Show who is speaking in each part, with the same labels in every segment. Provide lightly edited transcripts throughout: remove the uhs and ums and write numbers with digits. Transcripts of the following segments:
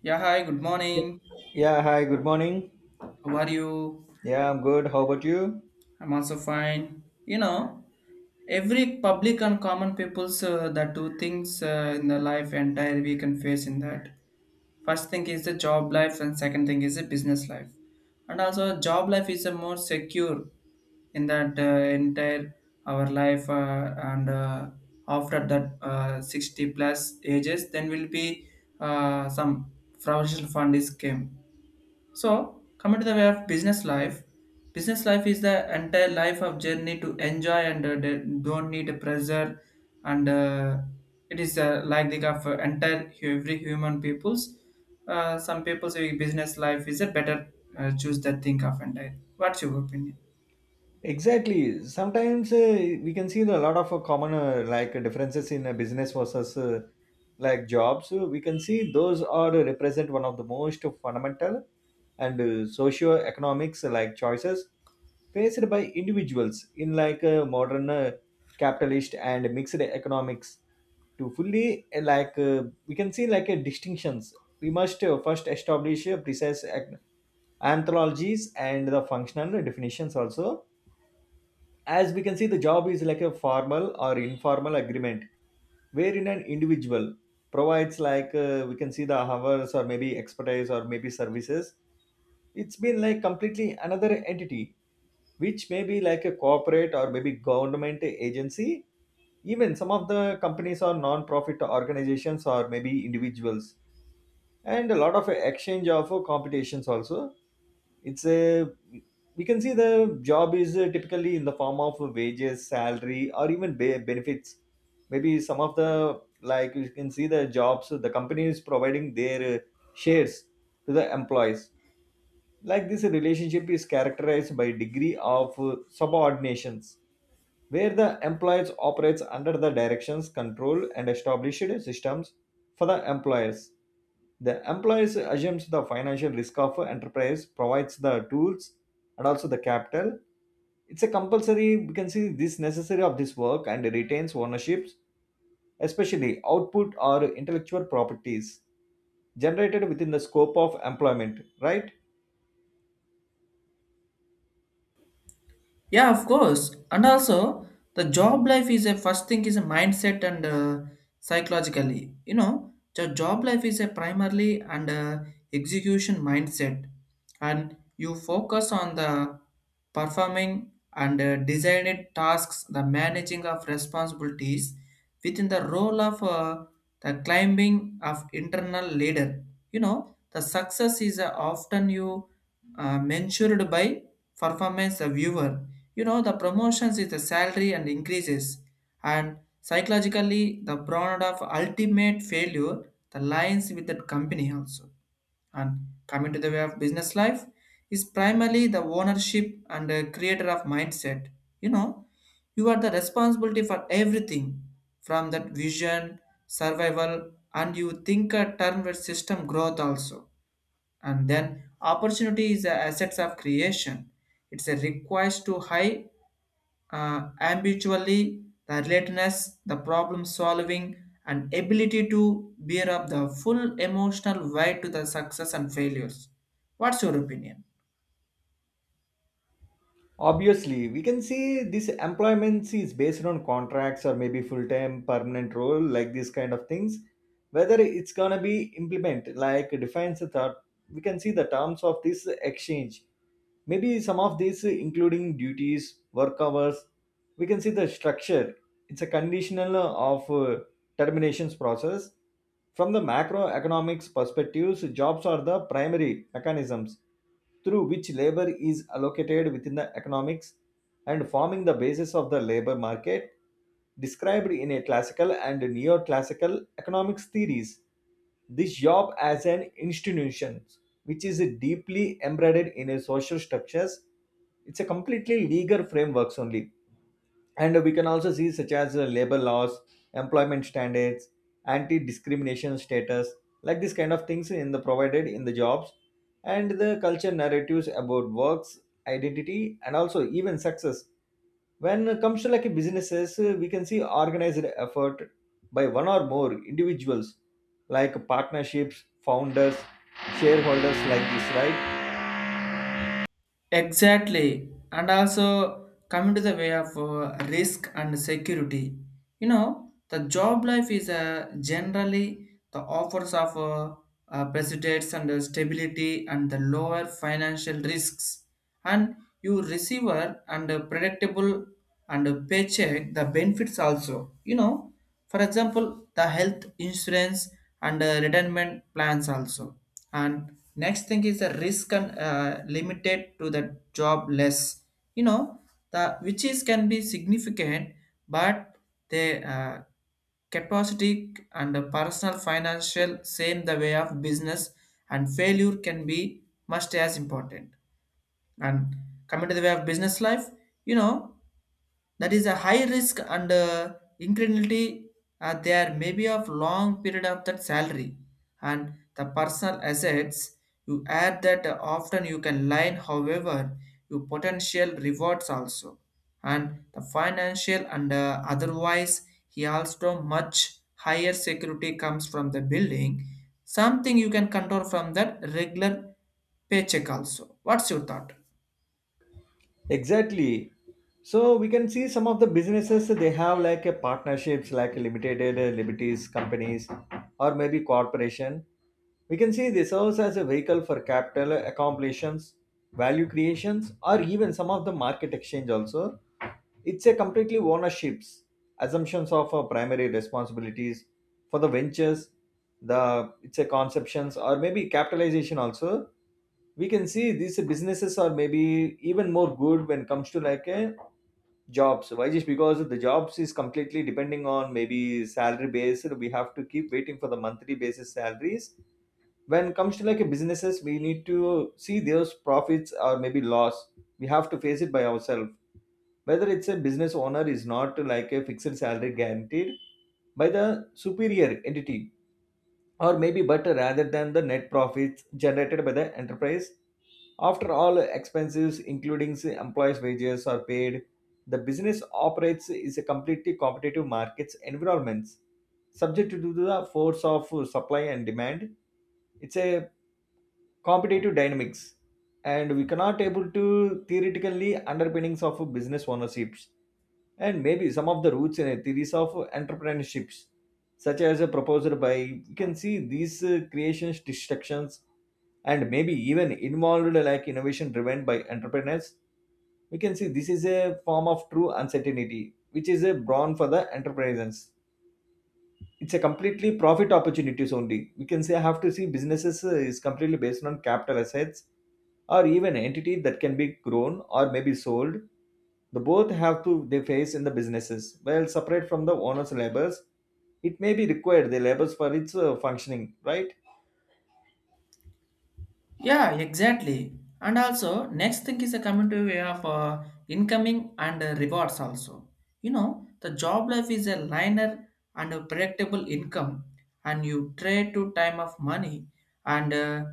Speaker 1: Yeah, hi, good
Speaker 2: Yep.
Speaker 1: morning.
Speaker 2: Yeah, hi, good morning.
Speaker 1: How are you?
Speaker 2: Yeah, I'm good. How about you?
Speaker 1: I'm also fine. You know, every public and common people's the two things in the life entire we can face in that. First thing is the job life and second thing is the business life. And also job life is a more secure in that entire our life and after that 60 plus ages then will be some provisional fund is came. So, coming to the way of business life is the entire life of journey to enjoy and don't need a pressure, and it is like the of entire every human people's. Some people say business life is a better choose that think of entire. What's your opinion?
Speaker 2: Exactly. Sometimes we can see a lot of common like differences in business versus like jobs. So we can see those are represent one of the most fundamental and socio-economics like choices faced by individuals in like modern capitalist and mixed economics. To fully uh, like uh, we can see like a distinctions we must first establish a precise anthologies and the functional definitions also, as we can see the job is like a formal or informal agreement wherein an individual provides we can see the hours or maybe expertise or maybe services. It's been like completely another entity, which may be like a corporate or maybe government agency, even some of the companies or non-profit organizations or maybe individuals, and a lot of exchange of competitions also. It's a, we can see the job is typically in the form of wages salary or even benefits. Maybe some of the, like, you can see the jobs the company is providing their shares to the employees. Like, this relationship is characterized by degree of subordinations, where the employees operates under the directions, control and established systems for the employers. The employees assumes the financial risk of enterprise, provides the tools and also the capital. It's a compulsory, we can see this necessary of this work, and retains ownerships, especially output or intellectual properties generated within the scope of employment, right?
Speaker 1: Yeah, of course. And also, the job life is a first thing is a mindset and psychologically. You know, the job life is a primarily and execution mindset, and you focus on the performing and designing tasks, the managing of responsibilities, within the role of the climbing of internal leader. You know, the success is often you measured by performance of viewer. You know, the promotions is the salary and increases, and psychologically the product of ultimate failure the lines with that company also. And coming to the way of business life is primarily the ownership and creator of mindset. You know, you are the responsibility for everything from that vision survival, and you think a term with system growth also. And then opportunity is the assets of creation. It's a request to high habitually, the alertness, the problem solving, and ability to bear up the full emotional weight to the success and failures. What's your opinion?
Speaker 2: Obviously, we can see this employment is based on contracts or maybe full-time permanent role, like these kind of things. Whether it's gonna be implement, like defines the third, we can see the terms of this exchange. Maybe some of these, including duties, work hours, we can see the structure. It's a conditional of terminations process. From the macroeconomics perspectives, jobs are the primary mechanisms through which labor is allocated within the economics and forming the basis of the labor market, described in a classical and neoclassical economics theories. This job as an institution, which is deeply embedded in a social structures, it's a completely legal frameworks only. And we can also see, such as labor laws, employment standards, anti-discrimination status, like this kind of things in the provided in the jobs, and the culture narratives about works, identity, and also even success. When it comes to like businesses, we can see organized effort by one or more individuals, like partnerships, founders, shareholders, like this, right?
Speaker 1: Exactly. And also coming to the way of risk and security. You know, the job life is generally the offers of precedents and stability and the lower financial risks. And you receiver and predictable and paycheck the benefits also. You know, for example the health insurance and retirement plans also. And next thing is the risk and limited to the job less. You know, the which is can be significant, but they capacity and the personal financial same the way of business, and failure can be must as important. And coming to the way of business life, you know, that is a high risk and incrementally there may be of long period of that salary and the personal assets. You add that often you can line, however your potential rewards also, and the financial and otherwise he also much higher security comes from the building something you can control from that regular paycheck also. What's your thought?
Speaker 2: Exactly. So we can see some of the businesses they have like a partnerships, like limited liberties companies, or maybe corporation. We can say they serves as a vehicle for capital accumulations, value creations, or even some of the market exchange also. It's a completely ownerships, assumptions of our primary responsibilities for the ventures, the it's a conceptions or maybe capitalization also. We can see these businesses are maybe even more good when it comes to like a jobs. Why? Just because the jobs is completely depending on maybe salary based. We have to keep waiting for the monthly basis salaries. When it comes to like a businesses, we need to see those profits or maybe loss. We have to face it by ourselves, whether it's a business owner is not like a fixed salary guaranteed by the superior entity, or maybe better rather than the net profits generated by the enterprise, after all expenses, including say, employees' wages, are paid. The business operates is a completely competitive markets environments, subject to the force of supply and demand. It's a competitive dynamics, and we cannot able to theoretically underpinnings of business ownerships and maybe some of the roots and theories of entrepreneurships, such as a proposed by, you can see these creations distractions, and maybe even involved like innovation driven by entrepreneurs. We can see this is a form of true uncertainty, which is a brawn for the entrepreneurs. It's a completely profit opportunities only, we can say. Have to see businesses is completely based on capital assets or even entity that can be grown or maybe sold. The both have to they face in the businesses well separate from the owner's labels. It may be required the labels for its functioning, right?
Speaker 1: Yeah, exactly. And also, next thing is a community way of incoming and rewards also. You know, the job life is a linear and a predictable income, and you trade to time of money and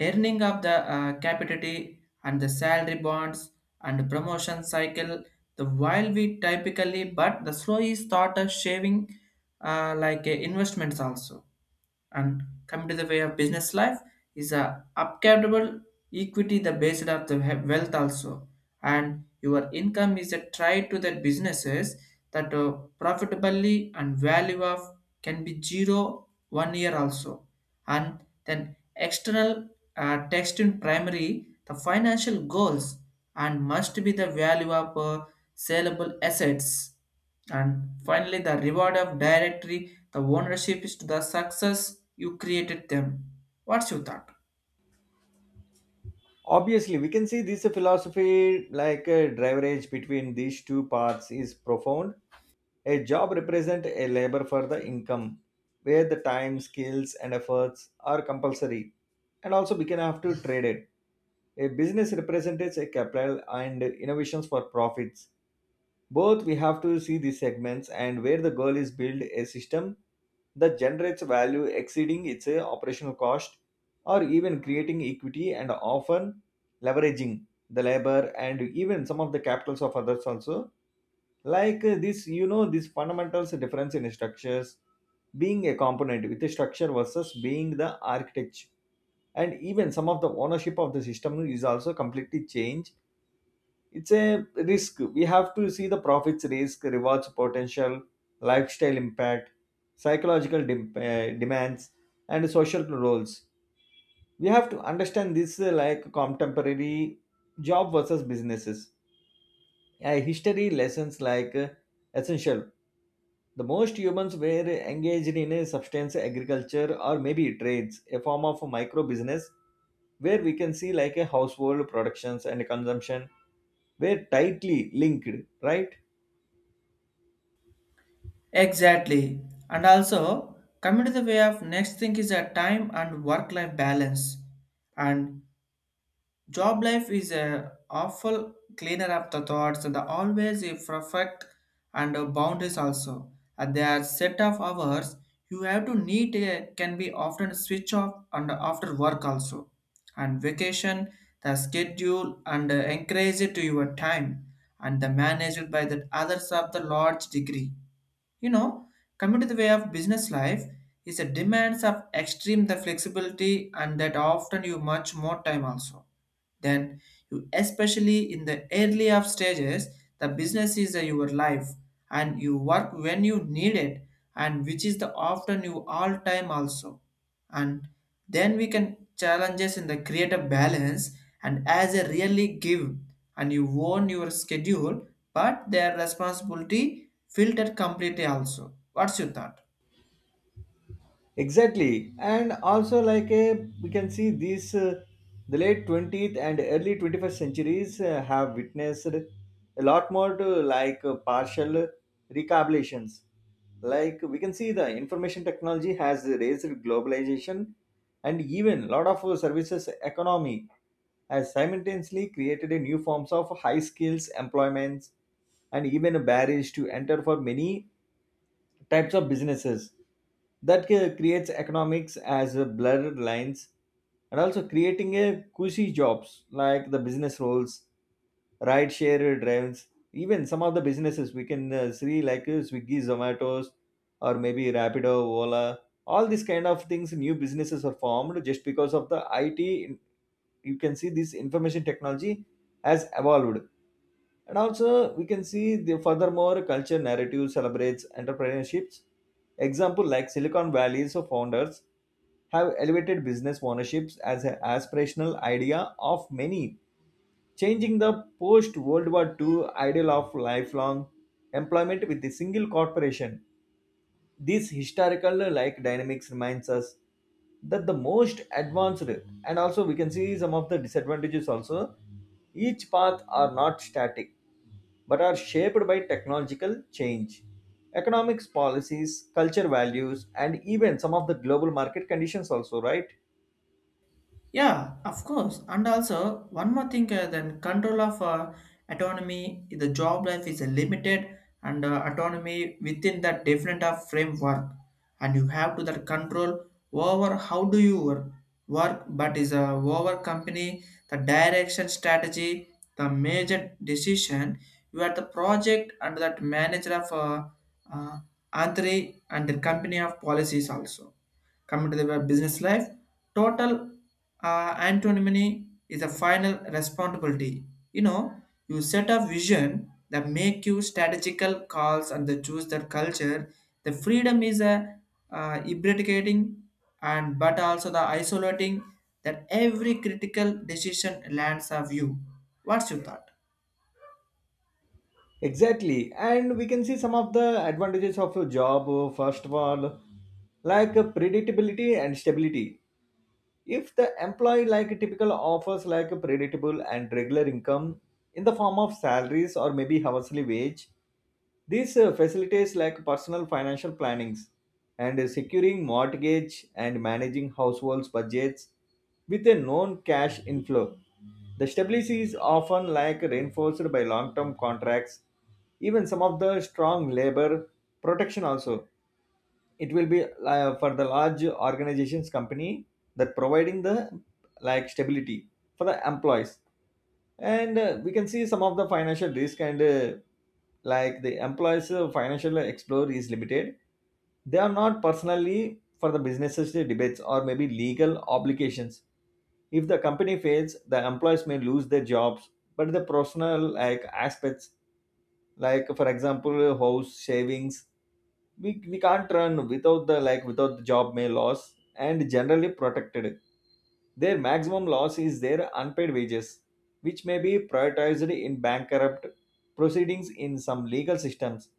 Speaker 1: earning of the capital and the salary bonds and promotion cycle. The while we typically, but the slow is thought of shaving investments also. And coming to the way of business life is a upcountable equity the based of the wealth also, and your income is a try to the businesses that profitably and value of can be zero one year also. And then external text in primary the financial goals, and must be the value of saleable assets. And finally, the reward of directory, the ownership is to the success you created them. What's your thought?
Speaker 2: Obviously, we can see this philosophy like a driverage between these two parts is profound. A job represents a labor for the income, where the time, skills, and efforts are compulsory, and also we can have to trade it. A business represents a capital and innovations for profits. Both we have to see these segments, and where the goal is build a system that generates value exceeding its operational cost, or even creating equity and often leveraging the labor and even some of the capitals of others also. Like, this, you know, this fundamentals difference in structures, being a component with a structure versus being the architect, and even some of the ownership of the system is also completely changed. It's a risk, we have to see the profits, risk rewards potential, lifestyle impact, psychological demands, and social roles. We have to understand this like contemporary job versus businesses history lessons, essential. The most humans were engaged in a substance agriculture or maybe trades, a form of micro business, where we can see like a household productions and consumption were tightly linked, right?
Speaker 1: Exactly. And also, coming to the way of next thing is a time and work life balance. And job life is a awful cleaner up the thoughts and the always a perfect and a boundaries also. And their set of hours you have to need a can be often switch off and after work also. And vacation, the schedule and encourage it to your time and the managed by the others of the large degree. You know, coming to the way of business life is a demands of extreme the flexibility and that often you much more time also. Then you especially in the early of stages the business is your life, and you work when you need it, and which is the often you all time also. And then we can challenges in the create a balance, and as a really give, and you own your schedule, but their responsibility filtered completely also. What's your thought?
Speaker 2: Exactly, and also like a, we can see these the late 20th and early 21st centuries have witnessed a lot more to like partial recapitulations. Like, we can see the information technology has raised globalization, and even lot of services economy has simultaneously created a new forms of high skills employments, and even barriers to enter for many types of businesses that creates economics as a blurred lines, and also creating a cushy jobs like the business roles, ride share drives. Even some of the businesses we can see, like, Swiggy, Zomatos, or maybe Rapido, Ola, all these kind of things. New businesses are formed just because of the IT, you can see this information technology has evolved. And also, we can see the furthermore culture narrative celebrates entrepreneurships. Example, like Silicon Valley's founders, have elevated business ownerships as an aspirational idea of many, changing the post World War II ideal of lifelong employment with a single corporation. This historical like dynamics reminds us that the most advanced, and also we can see some of the disadvantages also, each path are not static, but are shaped by technological change, economics policies, culture values, and even some of the global market conditions also, right?
Speaker 1: Yeah, of course. And also, one more thing, then control of autonomy, the job life is limited and autonomy within that different of framework. And you have to that control over how do you work, but is a over company, the direction strategy, the major decision. You are the project and that manager of uh, Antri and the company of policies also. Coming to the web business life, total antonymy is a final responsibility. You know, you set a vision that make you strategical calls and the choose the culture. The freedom is a eradicating and but also the isolating that every critical decision lands of you. What's your thought?
Speaker 2: Exactly, and we can see some of the advantages of a job. First of all, like predictability and stability. If the employee like typical offers like a predictable and regular income in the form of salaries or maybe hourly wage, this facilitates like personal financial plannings and securing mortgage and managing households budgets, with a known cash inflow. The stability is often like reinforced by long-term contracts, even some of the strong labor protection also. It will be for the large organizations company that providing the like stability for the employees. And we can see some of the financial risk, and like the employees financial explore is limited. They are not personally for the businesses debates or maybe legal obligations. If the company fails, the employees may lose their jobs, but the personal like aspects, like for example house savings, we can't run without the, like, without the job may loss, and generally protected. Their maximum loss is their unpaid wages, which may be prioritized in bankrupt proceedings in some legal systems.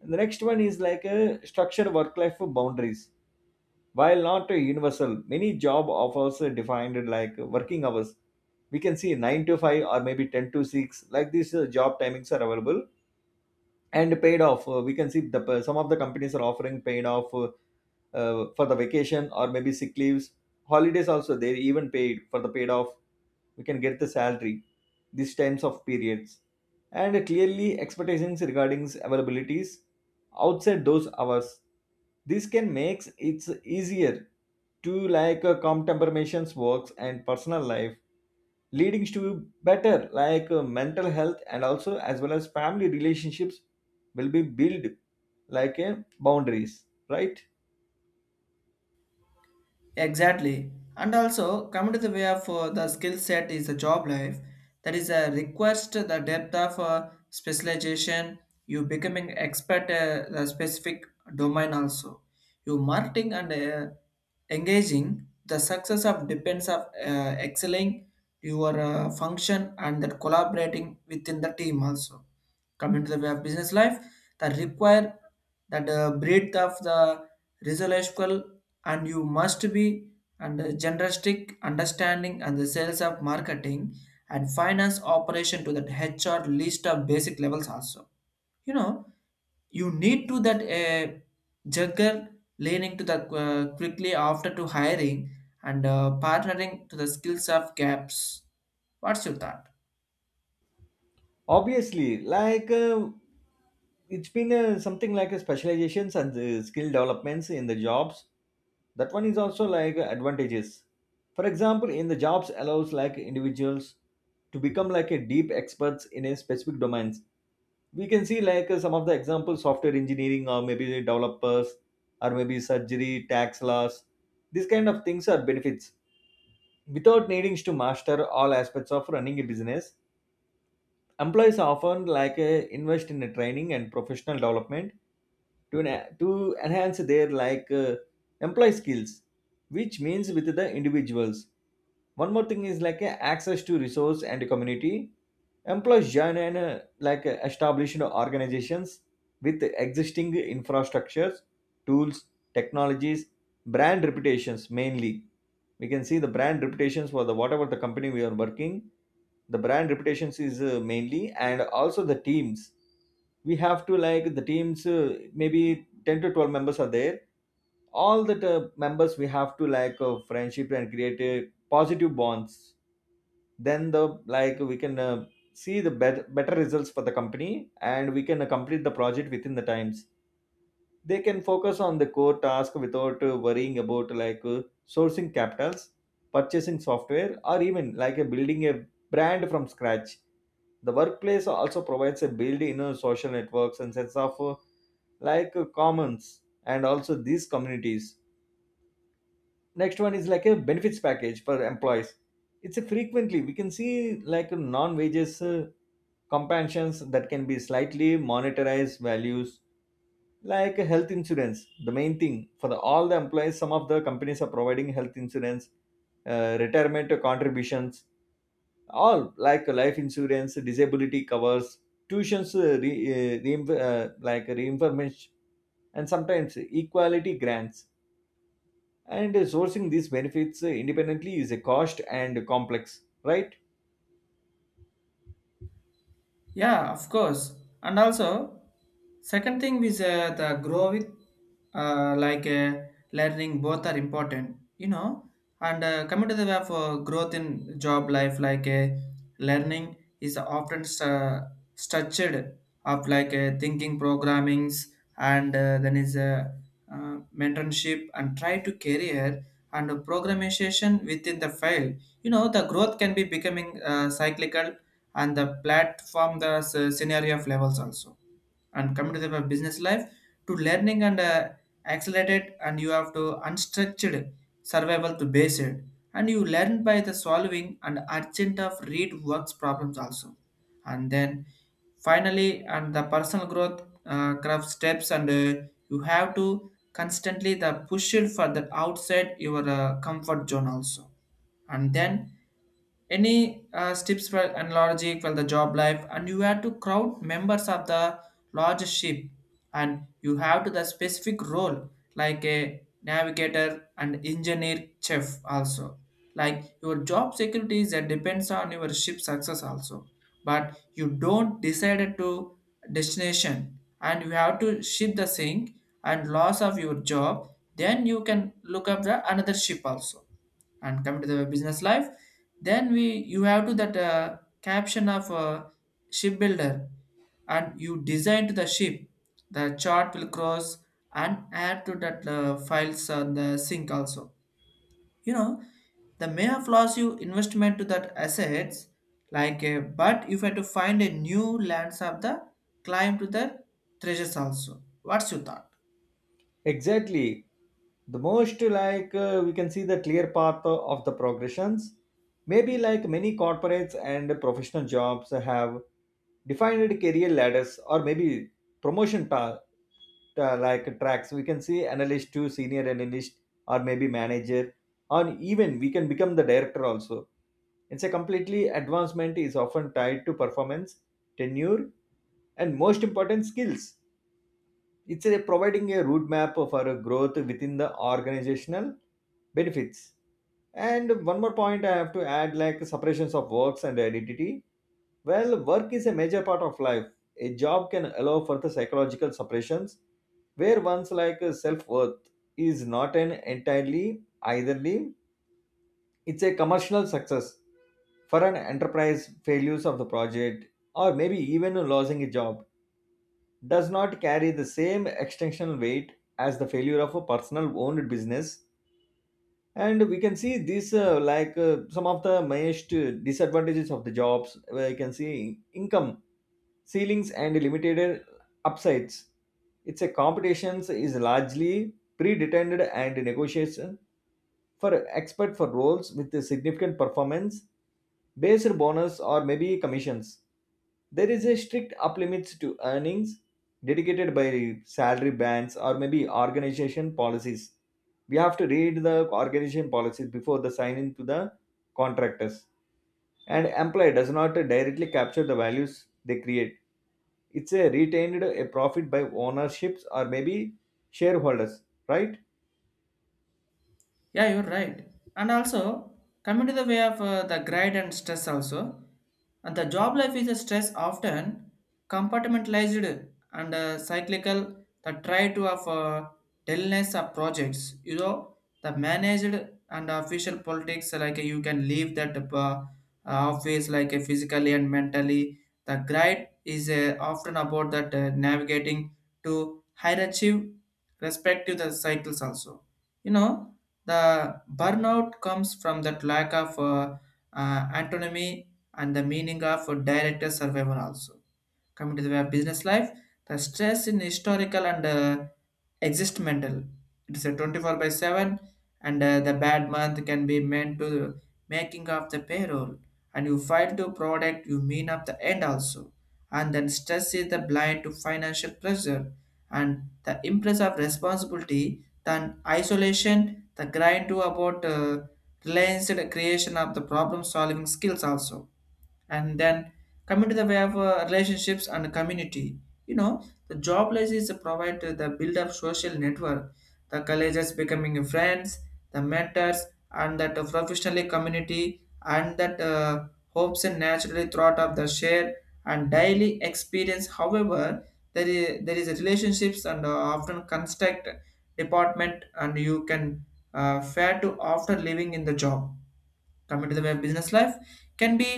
Speaker 2: And the next one is like a structured work life boundaries. While not universal, many job offers defined like working hours. We can see 9 to 5 or maybe 10 to 6, like these job timings are available, and paid off. We can see the, some of the companies are offering paid off for the vacation or maybe sick leaves, holidays also. They even paid for the paid off. We can get the salary these times of periods, and clearly expectations regarding availabilities outside those hours. This can makes it easier to calm temperamations works and personal life, leading to better mental health, and also as well as family relationships will be built like a boundaries, right?
Speaker 1: Exactly. And also, coming to the way of the skill set is the job life. That is a request to the depth of specialization. You becoming expert the specific domain also. You marketing and engaging. The success of depends of excelling your function and that collaborating within the team also. Coming to the way of business life, that require that breadth of the resolution, and you must be under generalistic understanding and the sales of marketing and finance operation to that HR list of basic levels also. You know, you need to that juggle leaning to the quickly after to hiring and partnering to the skills of gaps. What's your thought?
Speaker 2: Obviously, it's been something like a specializations and skill developments in the jobs. That one is also like advantages. For example, in the jobs allows like individuals to become like a deep experts in a specific domains. We can see like some of the examples software engineering or maybe the developers, or maybe surgery tax laws. These kind of things are benefits without needing to master all aspects of running a business. Employees often like invest in a training and professional development to, to enhance their like employee skills, which means with the individuals. One more thing is like access to resource and community. Employees join and like established organizations with existing infrastructures, tools, technologies, brand reputations mainly. We can see the brand reputations for the whatever the company we are working. The brand reputations is mainly. And also the teams, we have to like the teams maybe 10 to 12 members are there. All the members, we have to like friendship and create positive bonds. Then the, like we can see the better results for the company, and we can complete the project within the times. They can focus on the core task without worrying about like sourcing capitals, purchasing software, or even like building a brand from scratch. The workplace also provides a build in social networks and sense of like commons and also these communities. Next one is like a benefits package for employees. It's a frequently we can see like non wages compensations that can be slightly monetized values, like a health insurance. The main thing for the, all the employees, some of the companies are providing health insurance, retirement contributions, all like life insurance, disability covers, tuitions like reimbursement, and sometimes equality grants. And sourcing these benefits independently is a cost and complex, right?
Speaker 1: Yeah, of course. And also, second thing is the grow with, uh, like uh, learning, both are important, you know. And coming to the way for growth in job life, learning is often structured of thinking, programmings, and then is mentorship and try to career and programmation within the file. You know, the growth can be becoming cyclical and the platform the scenario of levels also. And coming to the business life to learning and accelerated, and you have to unstructured survival to base it, and you learn by the solving and urgent of read works problems also. And then finally and the personal growth craft steps, and you have to constantly the push it for the outside your comfort zone also. And then any tips for analogy for the job life, and you have to crowd members of the large ship, and you have to the specific role like a navigator and engineer chef also. Like your job security is that depends on your ship success also, but you don't decide to destination, and you have to ship the sink and loss of your job. Then you can look up the another ship also, and come to the business life, then we you have to that caption of shipbuilder, and you design to the ship the chart will cross, and add to that files on the sync also. You know, the may have lost you investment to that assets, but if you had to find a new lands of the climb to the treasures also. What's your thought?
Speaker 2: Exactly. The most like we can see the clear path of the progressions. Maybe like many corporates and professional jobs have defined career ladders, or maybe promotion path like tracks. We can see analyst to senior analyst, or maybe manager, or even we can become the director also. It's a completely advancement is often tied to performance, tenure, and most important skills. It's a providing a roadmap for a growth within the organizational benefits. And one more point I have to add like separations of works and identity. Well, work is a major part of life. A job can allow for the psychological separations where one's like self-worth is not an entirely eitherly. It's a commercial success. For an enterprise, failures of the project or maybe even losing a job does not carry the same extensional weight as the failure of a personal owned business. And we can see this like some of the most disadvantages of the jobs, where you can see income ceilings and limited upsides. Its a competitions is largely predetermined and negotiation for expert for roles with a significant performance based bonus or maybe commissions. There is a strict up limits to earnings dedicated by salary bands or maybe organization policies. We have to read the organization policies before the signing to the contractors. And employee does not directly capture the values they create. It's a retained a profit by ownerships or maybe shareholders, right?
Speaker 1: Yeah, you're right. And also, coming to the way of the grade and stress also, and the job life is a stress often compartmentalized and cyclical. The try to of dullness of projects, you know, the managed and official politics you can leave that office physically and mentally. The grade is often about that navigating to higher achieve respective the cycles also. You know, the burnout comes from that lack of autonomy and the meaning of a director survival also. Coming to the way of business life, the stress in historical and existential, it is a 24 by 7, and the bad month can be meant to making of the payroll, and you file to product you mean up the end also. And then stress is the blind to financial pressure and the impress of responsibility. Then isolation the grind to about related creation of the problem solving skills also. And then coming to the way of relationships and community, you know, the job places provide the build up social network, the colleges becoming friends, the mentors, and that professionally community, and that hopes and naturally thought of the share and daily experience. However, there is relationships and often construct department, and you can fare to after living in the job. Coming to the way of business life can be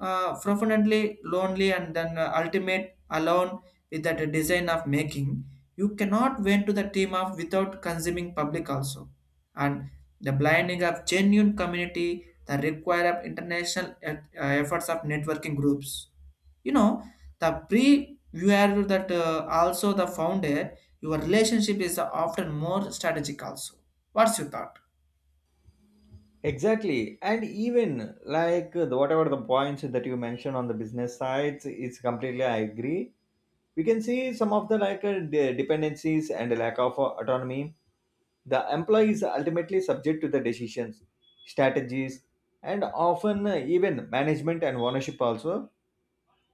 Speaker 1: profoundly lonely, and then ultimate alone with that design of making. You cannot went to the team of without consuming public also, and the blinding of genuine community the require of international efforts of networking groups. You know, the pre viewer that also the founder, your relationship is often more strategic also. What's your thought?
Speaker 2: Exactly, and even like the, whatever the points that you mentioned on the business sides, it's completely I agree. We can see some of the like dependencies and lack of autonomy. The employee is ultimately subject to the decisions, strategies, and often even management and ownership also.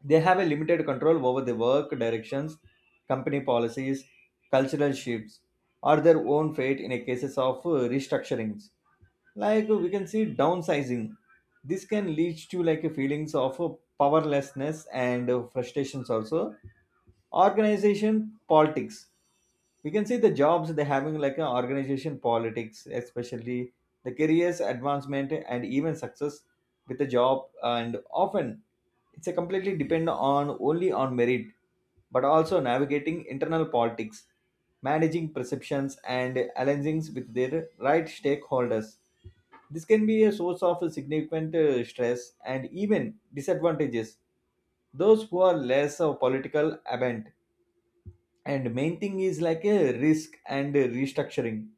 Speaker 2: They have a limited control over the work directions, company policies, cultural shifts, or their own fate in a cases of restructurings. Like we can see downsizing. This can lead to like a feelings of powerlessness and frustrations also. Organization politics, we can see the jobs they're having like an organization politics, especially the careers advancement and even success with the job. And often it's a completely depend on only on merit, but also navigating internal politics, managing perceptions and alliances with their right stakeholders. This can be a source of significant stress and even disadvantages those who are less of political avent. And main thing is like a risk and a restructuring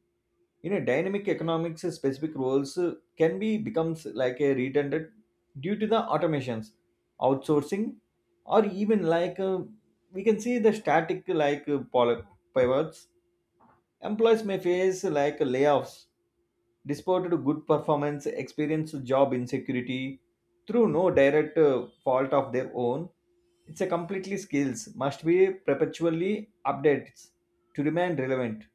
Speaker 2: in a dynamic economics. Specific roles can be becomes like a redundant due to the automations, outsourcing, or even like we can see the static like pivots. Employees may face like layoffs despite to good performance, experience job insecurity through no direct fault of their own. It's a completely skills must be perpetually updated to remain relevant.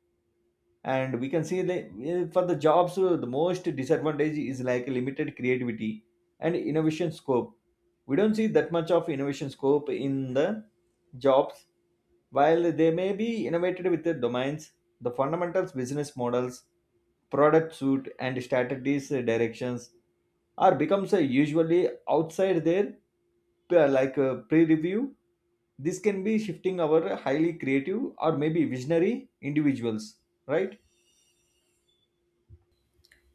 Speaker 2: And we can see like, for the jobs the most disadvantage is like limited creativity and innovation scope. We don't see that much of innovation scope in the jobs. While they may be innovated with the domains, the fundamentals business models, product suite, and strategies directions are becomes usually outside their like pre-review. This can be shifting our highly creative or maybe visionary individuals, right?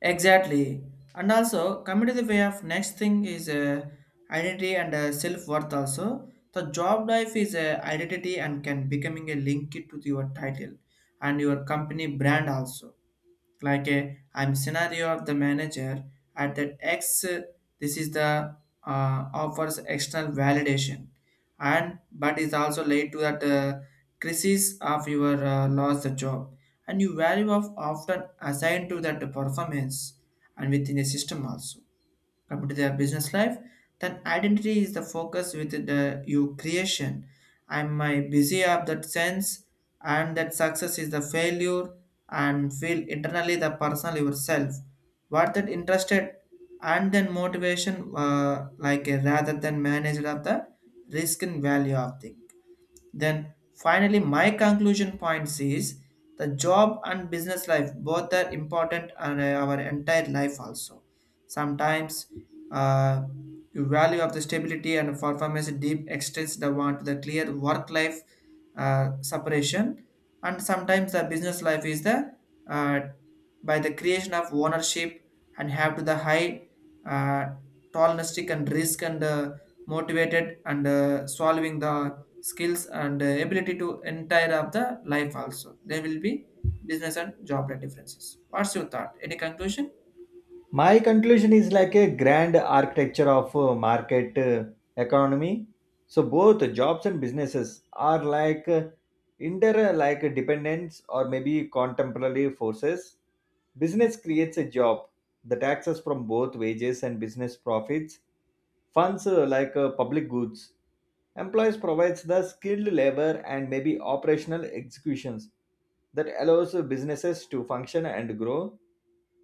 Speaker 1: Exactly. And also, coming to the way of next thing is identity and self-worth also. The job life is identity and can becoming a link it to your title and your company brand also, like a I'm scenario of the manager at that X. This is the offers external validation, and but is also led to that crisis of your lost the job, and you value of often assigned to that performance and within a system also. Come to their business life, then identity is the focus with the your creation. I'm my busy of that sense, and that success is the failure, and feel internally the personal yourself. What that interested and then motivation like a rather than managed of the risk and value of thing. Then finally, my conclusion points is the job and business life both are important and our entire life also. Sometimes uh, the value of the stability and performance deep extends the want to the clear work life separation, and sometimes the business life is the uh, by the creation of ownership, and have to the high uh, tolerance and risk and motivated and solving the skills and ability to entire of the life also there will be business and job rate differences. What's your thought, any conclusion?
Speaker 2: My conclusion is like a grand architecture of market economy. So both jobs and businesses are like dependence or maybe contemporary forces. Business creates a job. The taxes from both wages and business profits funds like public goods. Employees provides the skilled labor and maybe operational executions that allows businesses to function and grow.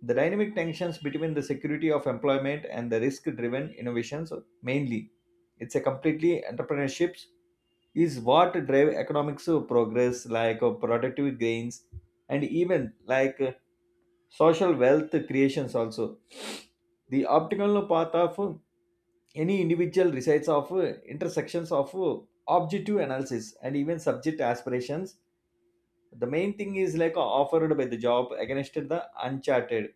Speaker 2: The dynamic tensions between the security of employment and the risk-driven innovations, mainly. It's a completely entrepreneurships is what drive economics progress like productive gains, and even like social wealth creations also. The optical path of any individual resides of intersections of objective analysis and even subject aspirations. The main thing is like offered by the job against the uncharted,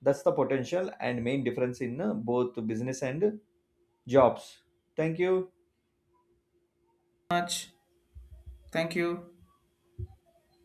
Speaker 2: that's the potential and main difference in both business and jobs. Thank you.
Speaker 1: Much thank you.